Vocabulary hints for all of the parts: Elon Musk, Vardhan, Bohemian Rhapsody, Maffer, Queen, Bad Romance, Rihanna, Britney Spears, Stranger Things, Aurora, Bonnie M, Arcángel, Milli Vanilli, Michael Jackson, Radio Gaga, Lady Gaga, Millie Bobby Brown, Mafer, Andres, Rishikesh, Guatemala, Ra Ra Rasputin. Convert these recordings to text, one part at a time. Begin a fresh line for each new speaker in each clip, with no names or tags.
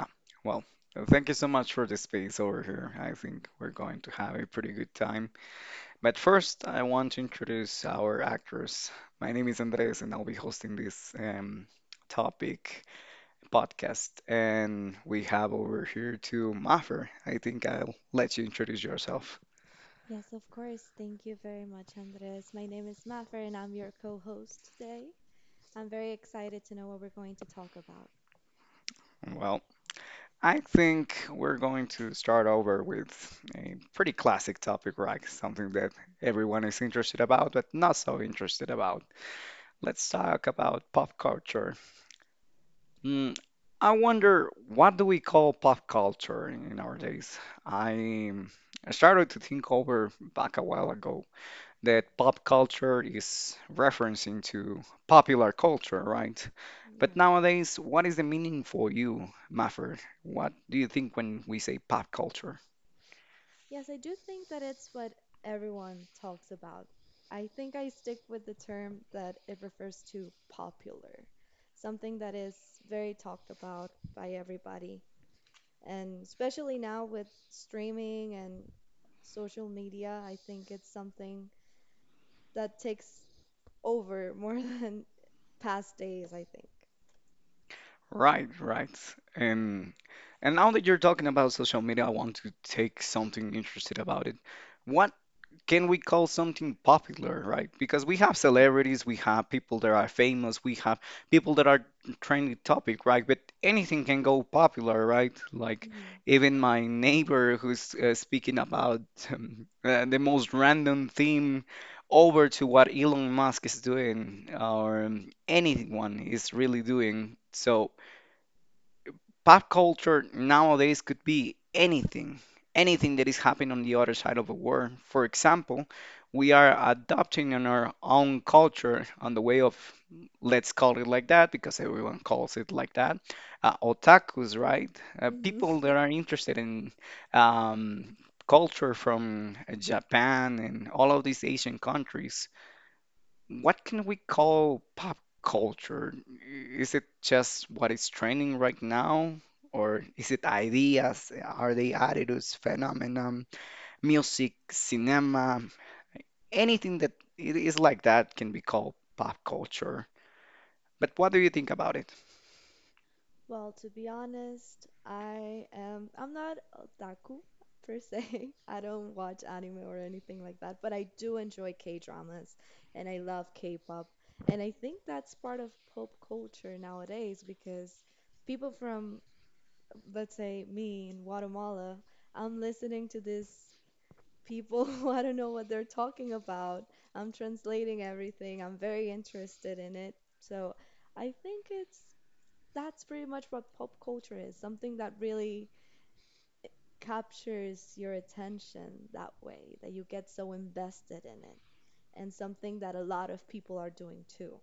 Ah, well, thank you so much for the space over here. I think we're going to have a pretty good time. But first, I want to introduce our actors. My name is Andres, and I'll be hosting this topic podcast. And we have over here to Maffer. I think I'll let you introduce yourself.
Yes, of course. Thank you very much, Andres. My name is Mafer, and I'm your co-host today. I'm very excited to know what we're going to talk about.
Well, I think we're going to start over with a pretty classic topic, right? Something that everyone is interested about, but not so interested about. Let's talk about pop culture. Mm, I wonder what do we call pop culture in our days? I um, I started to think over back a while ago that pop culture is referencing to popular culture, right? But
Yeah.
nowadays, what is the meaning for you, Maffer? What do you think when we say pop culture?
Yes, I do think that it's what everyone talks about. I think I stick with the term that it refers to popular, something that is very talked about by everybody. And especially now with streaming and social media, I think it's something that takes over more than past days, I think.
Right, right. And and now that you're talking about social media, I want to take something interested about it. What can we call something popular, right? Because we have celebrities, we have people that are famous, we have people that are trending topic, right? But anything can go popular, right? Like
hmm
even my neighbor who's speaking about the most random theme over to what Elon Musk is doing or anyone is really doing. So pop culture nowadays could be anything, anything that is happening on the other side of the world. For example, we are adopting in our own culture on the way of, let's call it like that, because everyone calls it like that, otakus, right?
hmm
People that are interested in um, culture from Japan and all of these Asian countries. What can we call pop culture? Is it just what is trending right now? Or is it ideas? Are they attitudes, phenomenon, music, cinema? Anything that it is like that can be called pop culture. But what do you think about it?
Well, to be honest, I'm not otaku per se. I don't watch anime or anything like that, but I do enjoy K-dramas and I love K-pop. And I think that's part of pop culture nowadays because people from, let's say, me in Guatemala, I'm listening to this people who I don't know what they're talking about. I'm translating everything. I'm very interested in it. So I think it's that's pretty much what pop culture is, something that really captures your attention that way, that you get so invested in it, and something that a lot of people are doing too.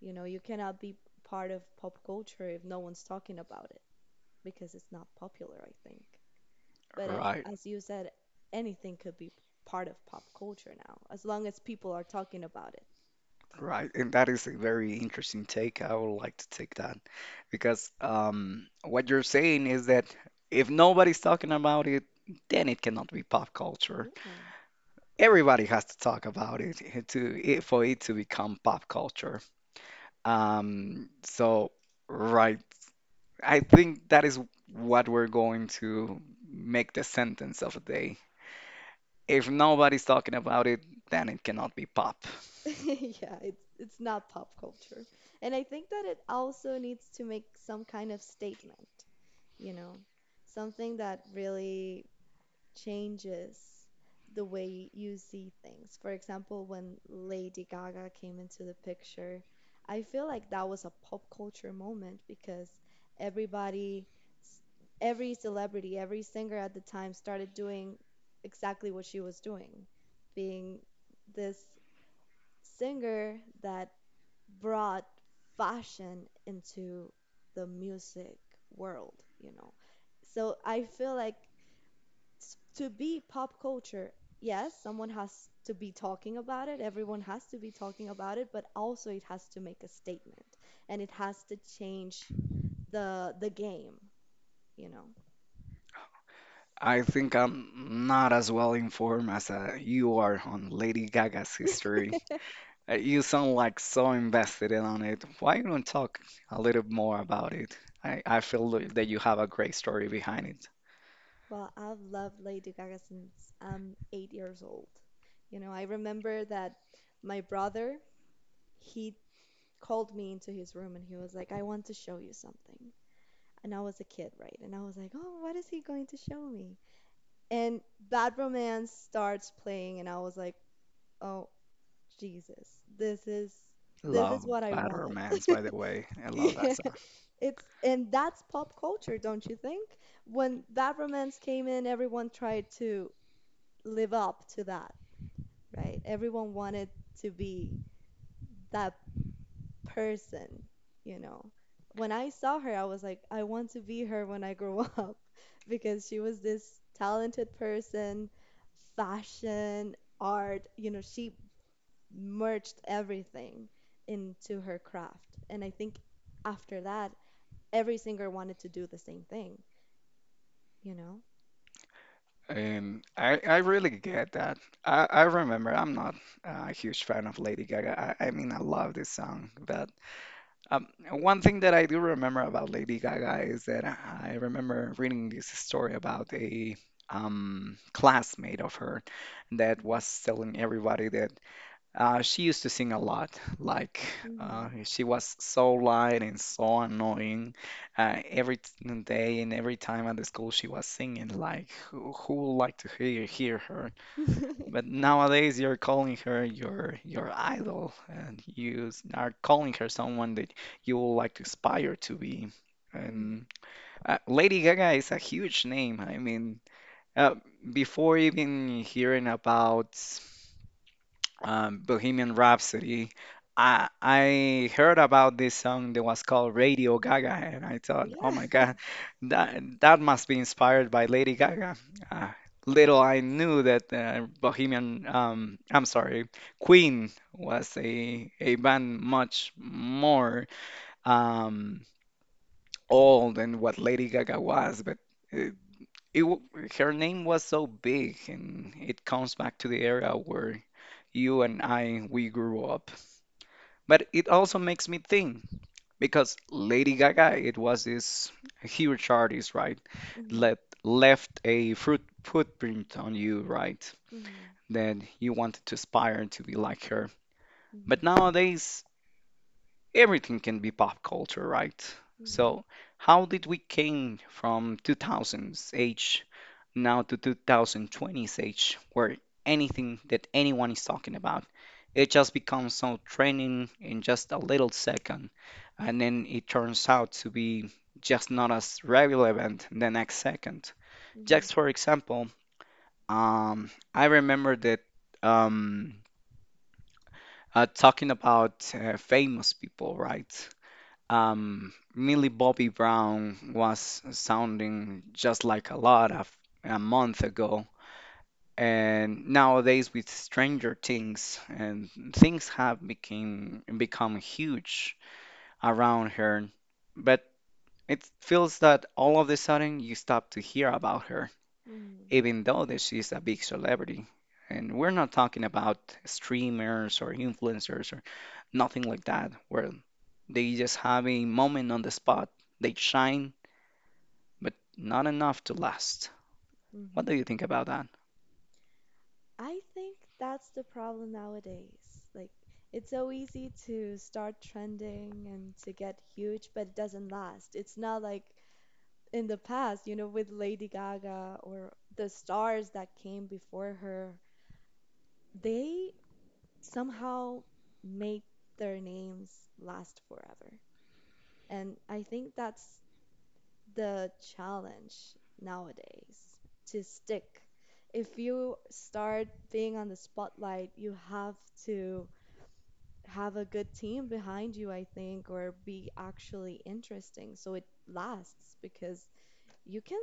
You know, you cannot be part of pop culture if no one's talking about it because it's not popular, I think. But it,
Right,
as you said, anything could be part of pop culture now, as long as people are talking about it.
right. And that is a very interesting take. I would like to take that because what you're saying is that if nobody's talking about it, then it cannot be pop culture.
Yeah.
Everybody has to talk about it to it for it to become pop culture. So right, I think that is what we're going to make the sentence of the day. If nobody's talking about it, then it cannot be pop.
So, yeah, it's not pop culture. And I think that it also needs to make some kind of statement, you know, something that really changes the way you see things. For example, when Lady Gaga came into the picture, I feel like that was a pop culture moment because everybody, every celebrity, every singer at the time started doing exactly what she was doing, being this singer that brought fashion into the music world, you know. So I feel like to be pop culture, yes, someone has to be talking about it, everyone has to be talking about it, but also it has to make a statement and it has to change the game, you know.
I think I'm not as well informed as you are on Lady Gaga's history. You sound like so invested in on it. Why don't you talk a little more about it? I feel that you have a great story behind it.
Well, I've loved Lady Gaga since I'm 8 years old. You know, I remember that my brother, he called me into his room and he was like, I want to show you something. And I was a kid, right? And I was like, oh, what is he going to show me? And Bad Romance starts playing, and I was like, "Oh, Jesus, this is this
Love
is what I
Bad
want."
Romance, by the way. I love that
Yeah,
song.
it's and that's pop culture, don't you think? When Bad Romance came in, everyone tried to live up to that, right? Everyone wanted to be that person, you know. When I saw her, I was like, I want to be her when I grow up because she was this talented person, fashion, art, you know, she merged everything into her craft. And I think after that, every singer wanted to do the same thing, you know?
And I really get that. I remember I'm not a huge fan of Lady Gaga. I mean, I love this song, but one thing that I do remember about Lady Gaga is that I remember reading this story about a classmate of her that was telling everybody that she used to sing a lot. Like
Mm-hmm.
she was so loud and so annoying. Every day and every time at the school, she was singing. Like who would like to hear her? But nowadays, you're calling her your idol, and you are calling her someone that you would like to aspire to be.
Mm-hmm.
And Lady Gaga is a huge name. I mean, uh, before even hearing about Bohemian Rhapsody. I heard about this song that was called Radio Gaga, and I thought, oh my
Yeah.
God, that must be inspired by Lady Gaga. Uh, Little I knew that Bohemian, I'm sorry, Queen was a band much more um, old than what Lady Gaga was, but.
Mm-hmm.
It, it, w- Her name was so big, and it comes back to the era where you and I we grew up. But it also makes me think because Lady Gaga, it was this huge artist, right?
Mm-hmm.
Let left a fruit footprint on you, right?
Mm-hmm.
That you wanted to aspire to be like her. But nowadays, everything can be pop culture, right? So, how did we came from 2000s age now to 2020's age where anything that anyone is talking about it just becomes so trending in just a little second and then it turns out to be just not as relevant the next second
Mm-hmm.
just for example I remember that um, talking about famous people right Millie Bobby Brown was sounding just like a lot of a month ago and nowadays with Stranger Things and things have became become huge around her but it feels that all of a sudden you stop to hear about her
Mm-hmm.
even though that she's a big celebrity and we're not talking about streamers or influencers or nothing like that where they just have a moment on the spot they shine but not enough to last what
Mm-hmm.
do you think about that
I think that's the problem nowadays. Like, it's so easy to start trending and to get huge, but it doesn't last. It's not like in the past, you know, with Lady Gaga or the stars that came before her, they somehow made their names last forever. And I think that's the challenge nowadays to stick. If you start being on the spotlight, you have to have a good team behind you, I think, or be actually interesting so it lasts because you can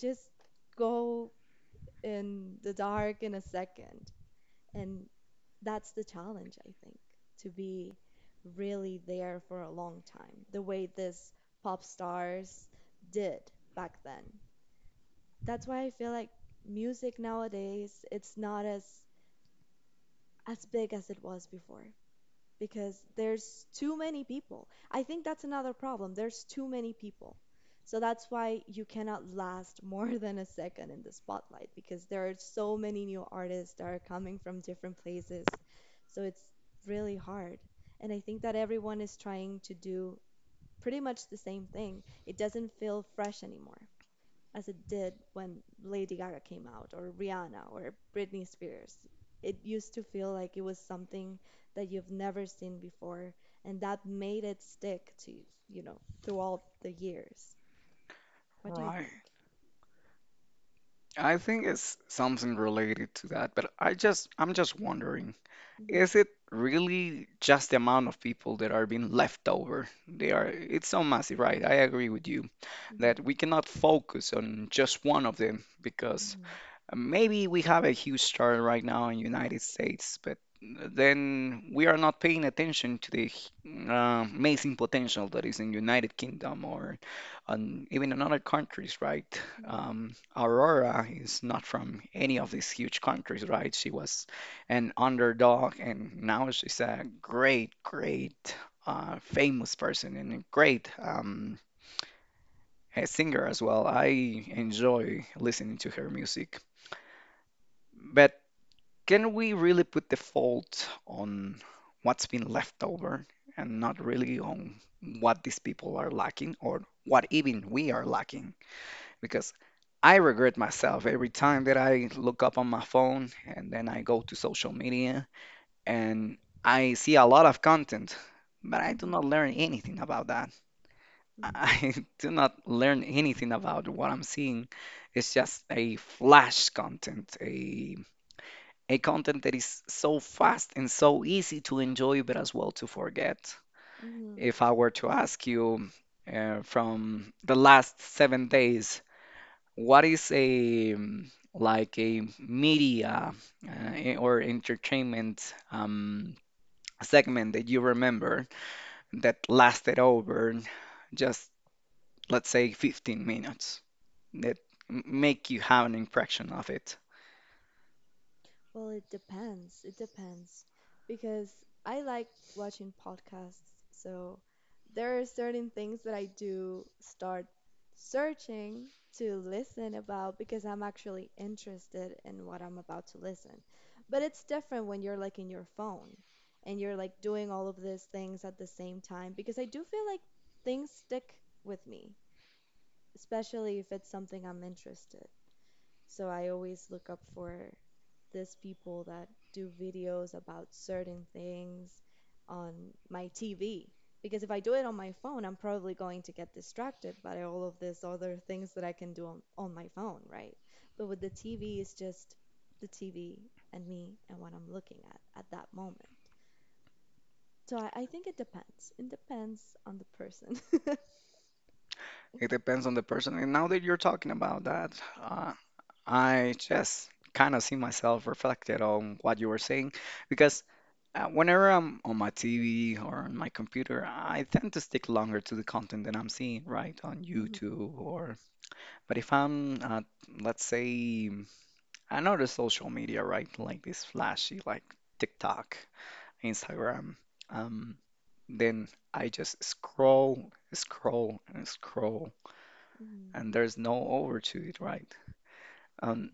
just go in the dark in a second. And that's the challenge, I think, to be really there for a long time, the way this pop stars did back then. That's why I feel like music nowadays it's not as big as it was before. Because there's too many people. I think that's another problem. There's too many people. So that's why you cannot last more than a second in the spotlight because there are so many new artists that are coming from different places. So it's really hard. And I think that everyone is trying to do pretty much the same thing. It doesn't feel fresh anymore as it did when Lady Gaga came out or Rihanna or Britney Spears. It used to feel like it was something that you've never seen before, and that made it stick to you, know, throughout the years. What do you
right
think?
I think it's something related to that, but I'm just wondering,
Mm-hmm,
is it really just the amount of people that are being left over? They are It's so massive, right? I agree with you
mm-hmm,
that we cannot focus on just one of them because
mm-hmm,
maybe we have a huge star right now in United States, but then we are not paying attention to the amazing potential that is in United Kingdom or on, even in other countries, right?
mm-hmm,
Aurora is not from any of these huge countries, right? She was an underdog, and now she's a great, famous person and a great a singer as well. I enjoy listening to her music. But can we really put the fault on what's been left over and not really on what these people are lacking or what even we are lacking? Because I regret myself every time that I look up on my phone and then I go to social media and I see a lot of content, but I do
mm-hmm,
not learn anything about that. I do not learn anything about what I'm seeing. It's just a flash content, a content that is so fast and so easy to enjoy, but as well to forget.
mm-hmm.
If I were to ask you from the last 7 days, what is a like a media or entertainment segment that you remember that lasted over just let's say 15 minutes that make you have an impression of it.
Well, it depends. It depends because I like watching podcasts. So there are certain things that I do start searching to listen about because I'm actually interested in what I'm about to listen. But it's different when you're like in your phone and you're like doing all of these things at the same time because I do feel like things stick with me, especially if it's something I'm interested. So I always look up for these people that do videos about certain things on my TV. Because if I do it on my phone, I'm probably going to get distracted by all of these other things that I can do on my phone, right? But with the TV, it's just the TV and me and what I'm looking at that moment. So I think it depends. It depends on the person.
It depends on the person. And now that you're talking about that, uh, I just kind of see myself reflected on what you were saying because whenever I'm on my TV or on my computer, I tend to stick longer to the content that I'm seeing, right, on
hmm
YouTube or. But if I'm, let's say, I know the social media, right, like this flashy, like TikTok, Instagram, um, then I just scroll, scroll, and scroll,
hmm
and there's no over to it, right?
Yeah.
Um,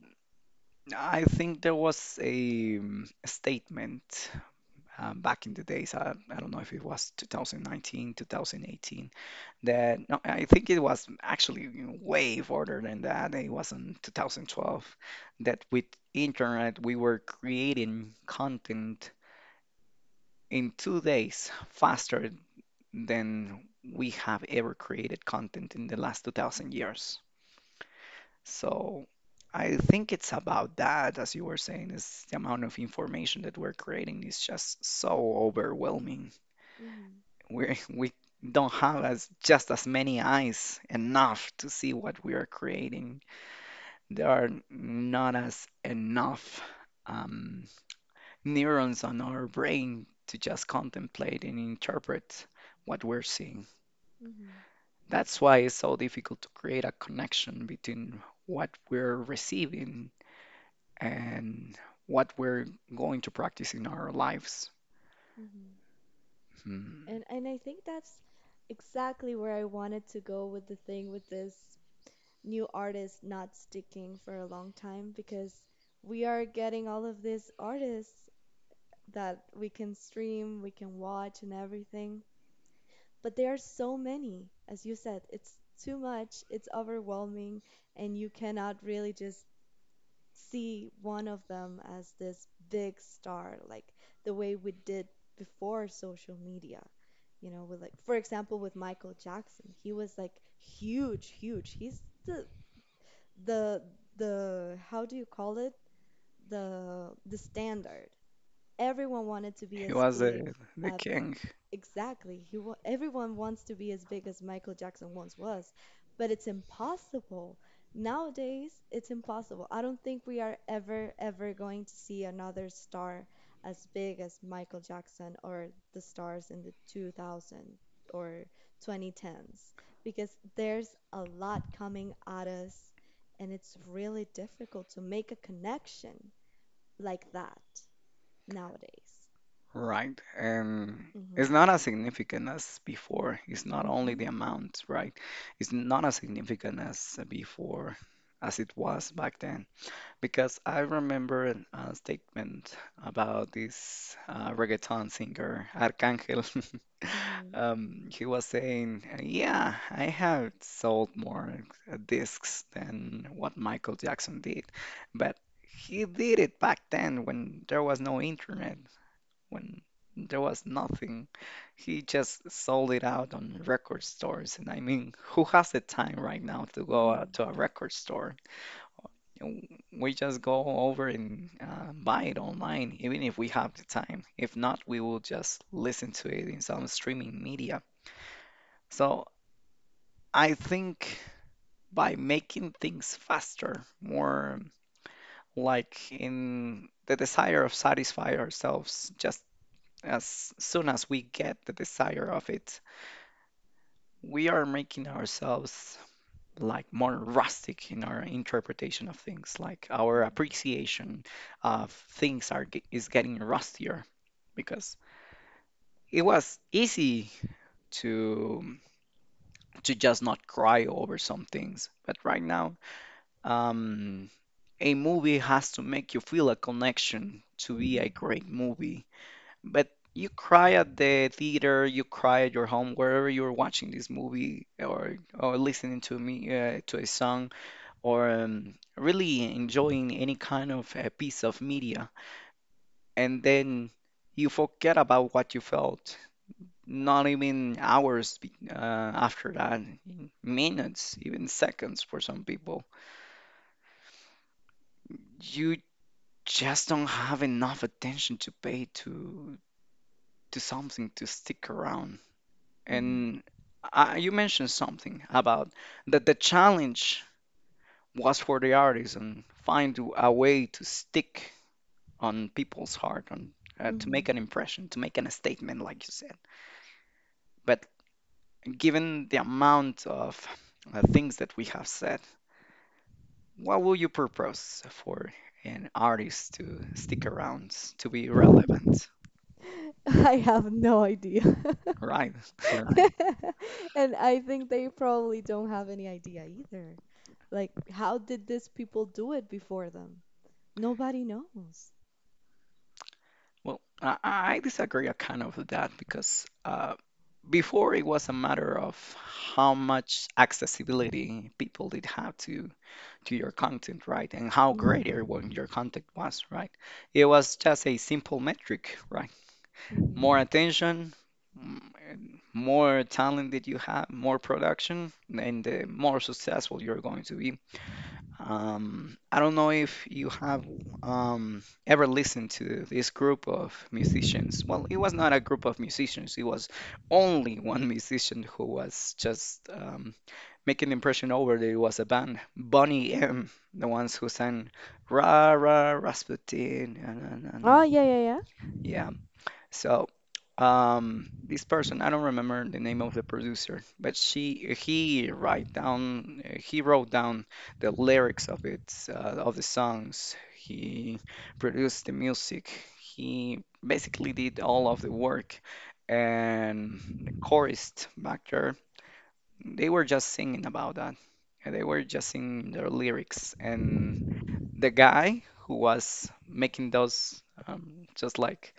I think there was a statement back in the days. I don't know if it was 2019, 2018, that no, I think it was actually you know, way further than that. It was in 2012 that with internet we were creating content in 2 days faster than we have ever created content in the last 2000
Mhm.
years. So I think it's about that, as you were saying, is the amount of information that we're creating is just so overwhelming.
Mhm,
We don't have as just as many eyes enough to see what we are creating. There are not as enough um, neurons on our brain to just contemplate and interpret what we're seeing.
mhm,
That's why it's so difficult to create a connection between what we're receiving and what we're going to practice in our lives.
mhm.
Hmm.
And I think that's exactly where I wanted to go with the thing with this new artist not sticking for a long time because we are getting all of these artists that we can stream, we can watch and everything, but there are so many. As you said, it's too much, it's overwhelming, and you cannot really just see one of them as this big star like the way we did before social media. With, like, for example, with Michael Jackson, he was like huge huge. He's the the, how do you call it, the standard everyone wanted to be
He
as
was
big
the
as.
king,
Exactly. Everyone wants to be as big as Michael Jackson once was, but it's impossible. Nowadays, it's impossible. I don't think we are ever, ever going to see another star as big as Michael Jackson or the stars in the 2000 or 2010s because there's a lot coming at us and it's really difficult to make a connection like that nowadays.
right? And it's
hmm
not as significant as before. It's not only
hmm
the amount, right? It's not as significant as before, as it was back then. Because I remember a statement about this reggaeton singer, Arcángel.
hmm
He was saying, "Yeah, I have sold more discs than what Michael Jackson did, but he did it back then when there was no internet, when there was nothing. He just sold it out on record stores. And I mean, who has the time right now to go out
hmm
to a record store? We just go over and buy it online, even if we have the time. If not, we will just listen to it in some streaming media." So I think by making things faster, more like in the desire of satisfy ourselves just as soon as we get the desire of it, we are making ourselves like more rustic in our interpretation of things, like our
Mhm.
appreciation of things are is getting rustier because it was easy to to just not cry over some things. But right now um a movie has to make you feel a connection to be a
Mhm.
great movie. But you cry at the theater, you cry at your home, wherever you're watching this movie or listening to me to a song or really enjoying any kind of piece of media, and then you forget about what you felt. Not even hours after that, minutes, even seconds for some people. You just don't have enough attention to pay to something to stick around. And you mentioned something about that the challenge was for the artist and find a way to stick on people's heart and
Mhm.
to
Mhm.
make an impression, to make an a statement, like you said. But given the amount of things that we have said, what will you propose for an artist to stick around, to be relevant?
I have no idea.
Right, right.
And I think they probably don't have any idea either. Like, how did these people do it before them? Nobody knows.
Well, I disagree kind of with that because before it was a matter of how much accessibility people did have to your content, right? And how great
hmm
everyone your content was, right? It was just a simple metric, right? More
hmm
attention, and more talent that you have, more production, and the more successful you're going to be. I don't know if you have ever listened to this group of musicians. Well, it was not a group of musicians, it was only one musician who was just making the impression over that it was a band. Bonnie M, the ones who sang Ra Ra Rasputin. Na, na, na, na.
Oh, yeah, yeah, yeah.
Yeah, so, this person, I don't remember the name of the producer, but she he write down he wrote down the lyrics of it uh, of the songs. He produced the music. He basically did all of the work, and the chorist back there, they were just singing about that. And they were just singing their lyrics, and the guy who was making those just like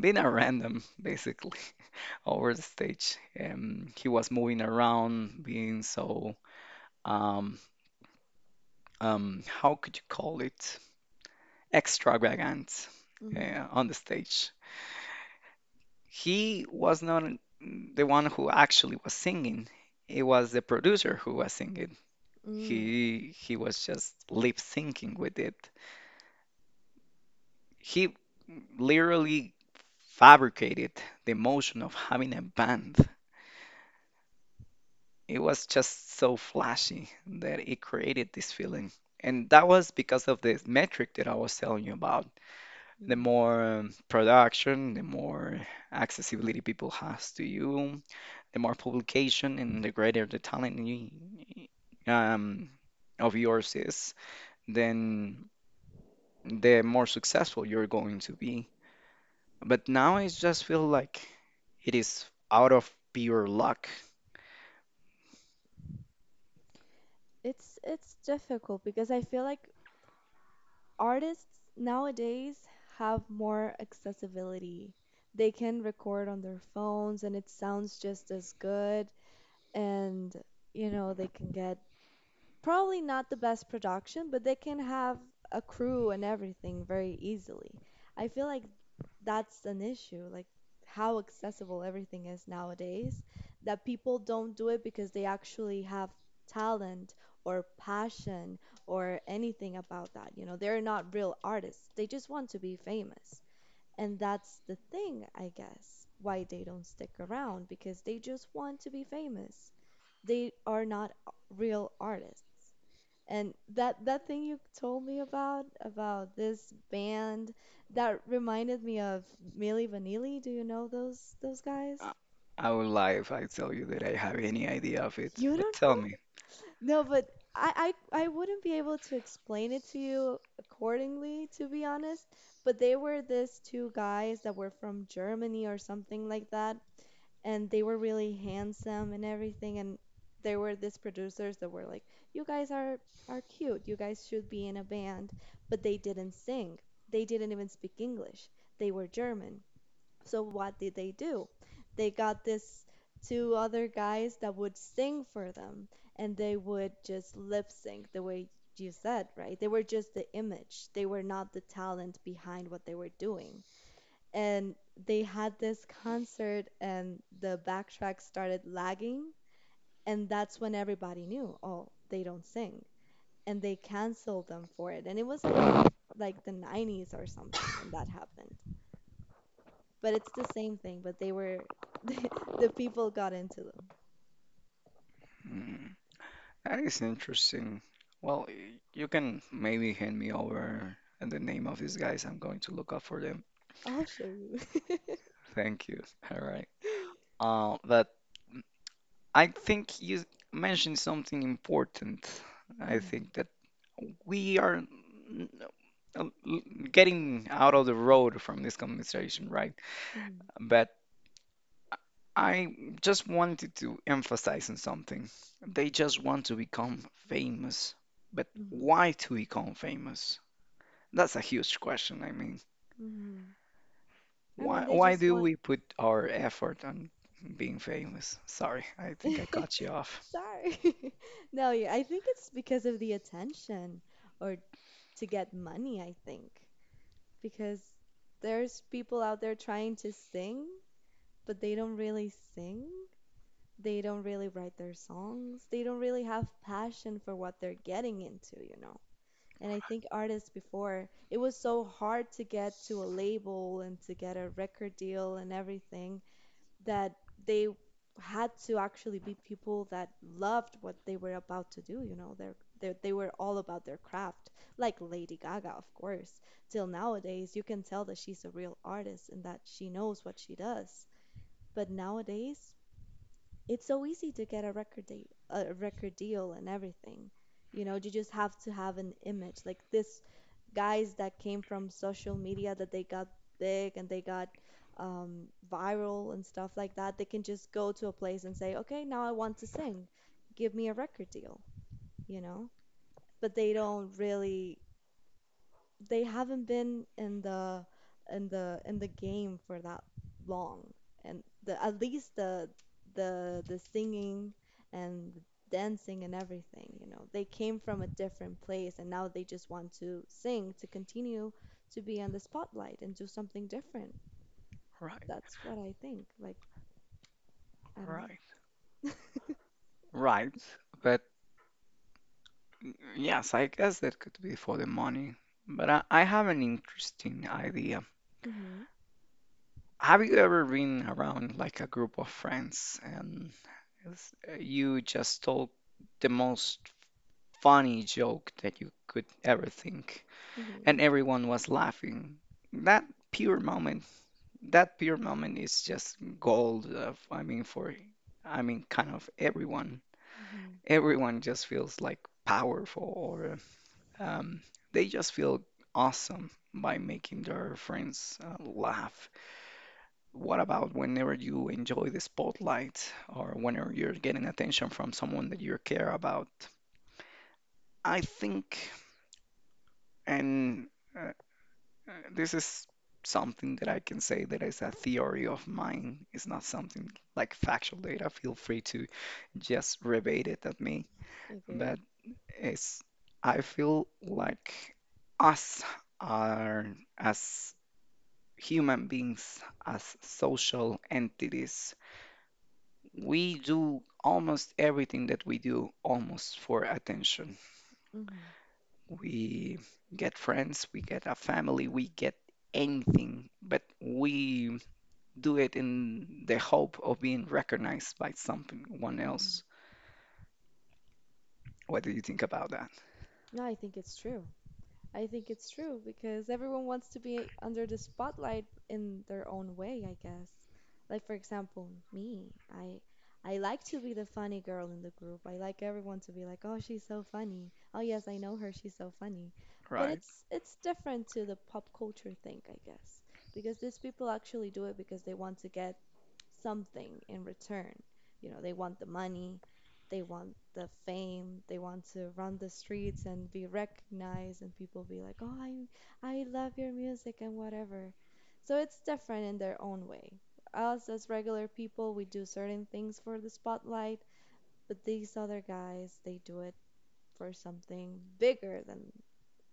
being a random basically over the stage, and he was moving around being so um, how could you call it extravagant
hmm
on the stage. He was not the one who actually was singing. It was the producer who was singing.
mm
He was just lip syncing with it. He literally fabricated the emotion of having a band. It was just so flashy that it created this feeling. And that was because of this metric that I was telling you about. The
hmm
more production, the more accessibility people has to you, the more publication, and the greater the talent you, um, of yours is, then the more successful you're going to be. But now I just feel like it is out of pure luck.
it's difficult because I feel like artists nowadays have more accessibility. They can record on their phones and it sounds just as good. And they can get probably not the best production, but they can have a crew and everything very easily. I feel like that's an issue, like how accessible everything is nowadays, that people don't do it because they actually have talent or passion or anything about that. You know, they're not real artists. They just want to be famous. And that's the thing, I guess, why they don't stick around because they just want to be famous. They are not real artists. And that thing you told me about this band that reminded me of Milli Vanilli. Do you know those guys?
I I will lie if I tell you that I have any idea of it.
You
But
don't
tell
know?
me.
No, but I wouldn't be able to explain it to you accordingly, to be honest. But they were this two guys that were from Germany or something like that, and they were really handsome and everything. And there were these producers that were like, you guys are cute, you guys should be in a band. But they didn't sing, they didn't even speak English, they were German. So what did they do? They got this two other guys that would sing for them, and they would just lip sync, the way you said, right? They were just the image, they were not the talent behind what they were doing. And they had this concert and the backtrack started lagging, and that's when everybody knew, oh, they don't sing. And they canceled them for it, and it was around like the 90s or something when that happened. But it's the same thing. But they were, the people got into them.
Hmm, that is interesting. Well, you can maybe hand me over the name of these guys. I'm going to look up for them.
I'll show you.
Thank you. All right. But I think you mentioned something important. I
Mhm,
think that we are n- n- getting out of the road from this conversation, right?
mhm,
But I just wanted to emphasize on something. They just want to become famous. But
mhm,
why to become famous? That's a huge question. I mean,
mhm. I mean
why
they
why
just
do
want
we put our effort on being famous? Sorry, I think I cut you off.
Sorry. No, yeah, I think it's because of the attention or to get money, I think. Because there's people out there trying to sing, but they don't really sing. They don't really write their songs. They don't really have passion for what they're getting into, you know. And I think artists before, it was so hard to get to a label and to get a record deal and everything that they had to actually be people that loved what they were about to do. You know, they were all about their craft, like Lady Gaga, of course. Till nowadays, you can tell that she's a real artist and that she knows what she does. But nowadays, it's so easy to get a record date, a record deal and everything. You know, you just have to have an image. Like this guys that came from social media that they got big and they got viral and stuff like that, they can just go to a place and say, okay, now I want to sing. Give me a record deal, you know? But they don't really they haven't been in the game for that long, and the at least the singing and the dancing and everything, you know, they came from a different place and now they just want to sing to continue to be on the spotlight and do something different.
Right,
That's what I think. Like, I don't
right,
know.
right. But yes, I guess that could be for the money. But I have an interesting idea.
Mhm.
Have you ever been around like a group of friends and s- you just told the most funny joke that you could ever think
Mhm.
and
Mhm.
everyone was laughing? That pure moment, that pure moment is just gold of, I mean for I mean kind of everyone.
Mm-hmm.
Everyone just feels like powerful or um, they just feel awesome by making their friends laugh. What about whenever you enjoy the spotlight or whenever you're getting attention from someone that you care about? I think, and uh, this is something that I can say that is a theory of mine. It's not something like factual data. Feel free to just rebate it at me.
Is it?
But it's, I feel like us are, as human beings, as social entities, we do almost everything that we do almost for attention.
Mhm,
We get friends, we get a family, we get anything, but we do it in the hope of being recognized by someone
mhm.
else. What do you think about that?
No, I think it's true. I think it's true because everyone wants to be under the spotlight in their own way, I guess. Like for example, me. I like to be the funny girl in the group. I like everyone to be like, "Oh, she's so funny. Oh, yes, I know her. She's so funny." But
Right.
it's different to the pop culture thing, I guess, because these people actually do it because they want to get something in return. You know, they want the money, they want the fame, they want to run the streets and be recognized and people be like, "Oh, I love your music and whatever." So it's different in their own way. Us as regular people, we do certain things for the spotlight, but these other guys, they do it for something bigger than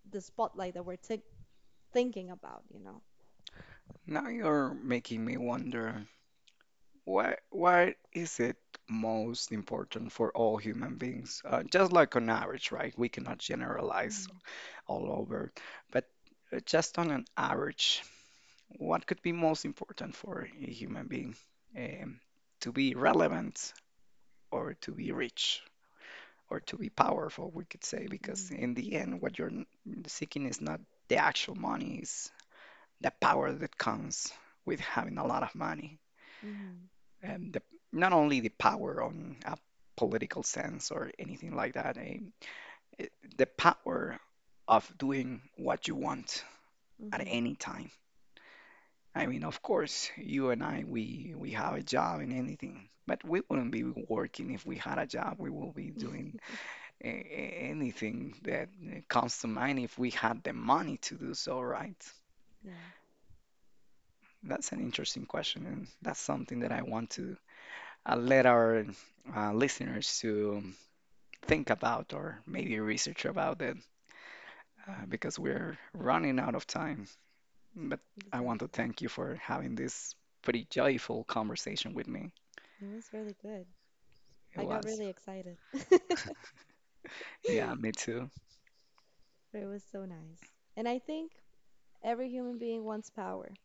the spotlight that we're thinking about, you know.
Now you're making me wonder why is it most important for all human beings? Just like on average, right? We cannot generalize
Mm-hmm.
all over. But just on an average, what could be most important for a human being? Um, to be relevant or to be rich or to be powerful, we could say, because
Mm-hmm.
in the end, what you're seeking is not the actual money, it's the power that comes with having a lot of money.
Mm-hmm.
And the, not only the power on a political sense or anything like that, it, the power of doing what you want at
hmm
any time. I mean, of course, you and I, we have a job and anything, but we wouldn't be working if we had a job. We will be doing anything that comes to mind if we had the money to do so, right?
Yeah,
That's an interesting question, and that's something that I want to let our listeners to think about or maybe research about it because we're running out of time. But I want to
exactly.
thank you for having this pretty joyful conversation with me.
It was really good.
It
I got
was.
really excited.
Yeah, me too.
But it was so nice. And I think every human being wants power.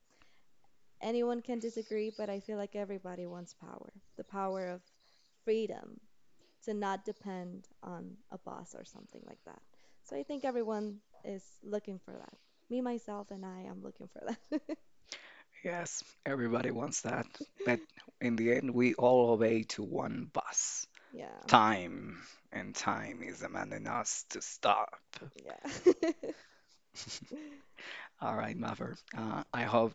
Anyone can disagree, but I feel like everybody wants power. The power of freedom to not depend on a boss or something like that. So I think everyone is looking for that. Me, myself, and I am looking for that.
Yes, everybody wants that. But in the end, we all obey to one boss.
Yeah,
Time. And time is demanding us to stop.
yeah.
All right, Mother. I hope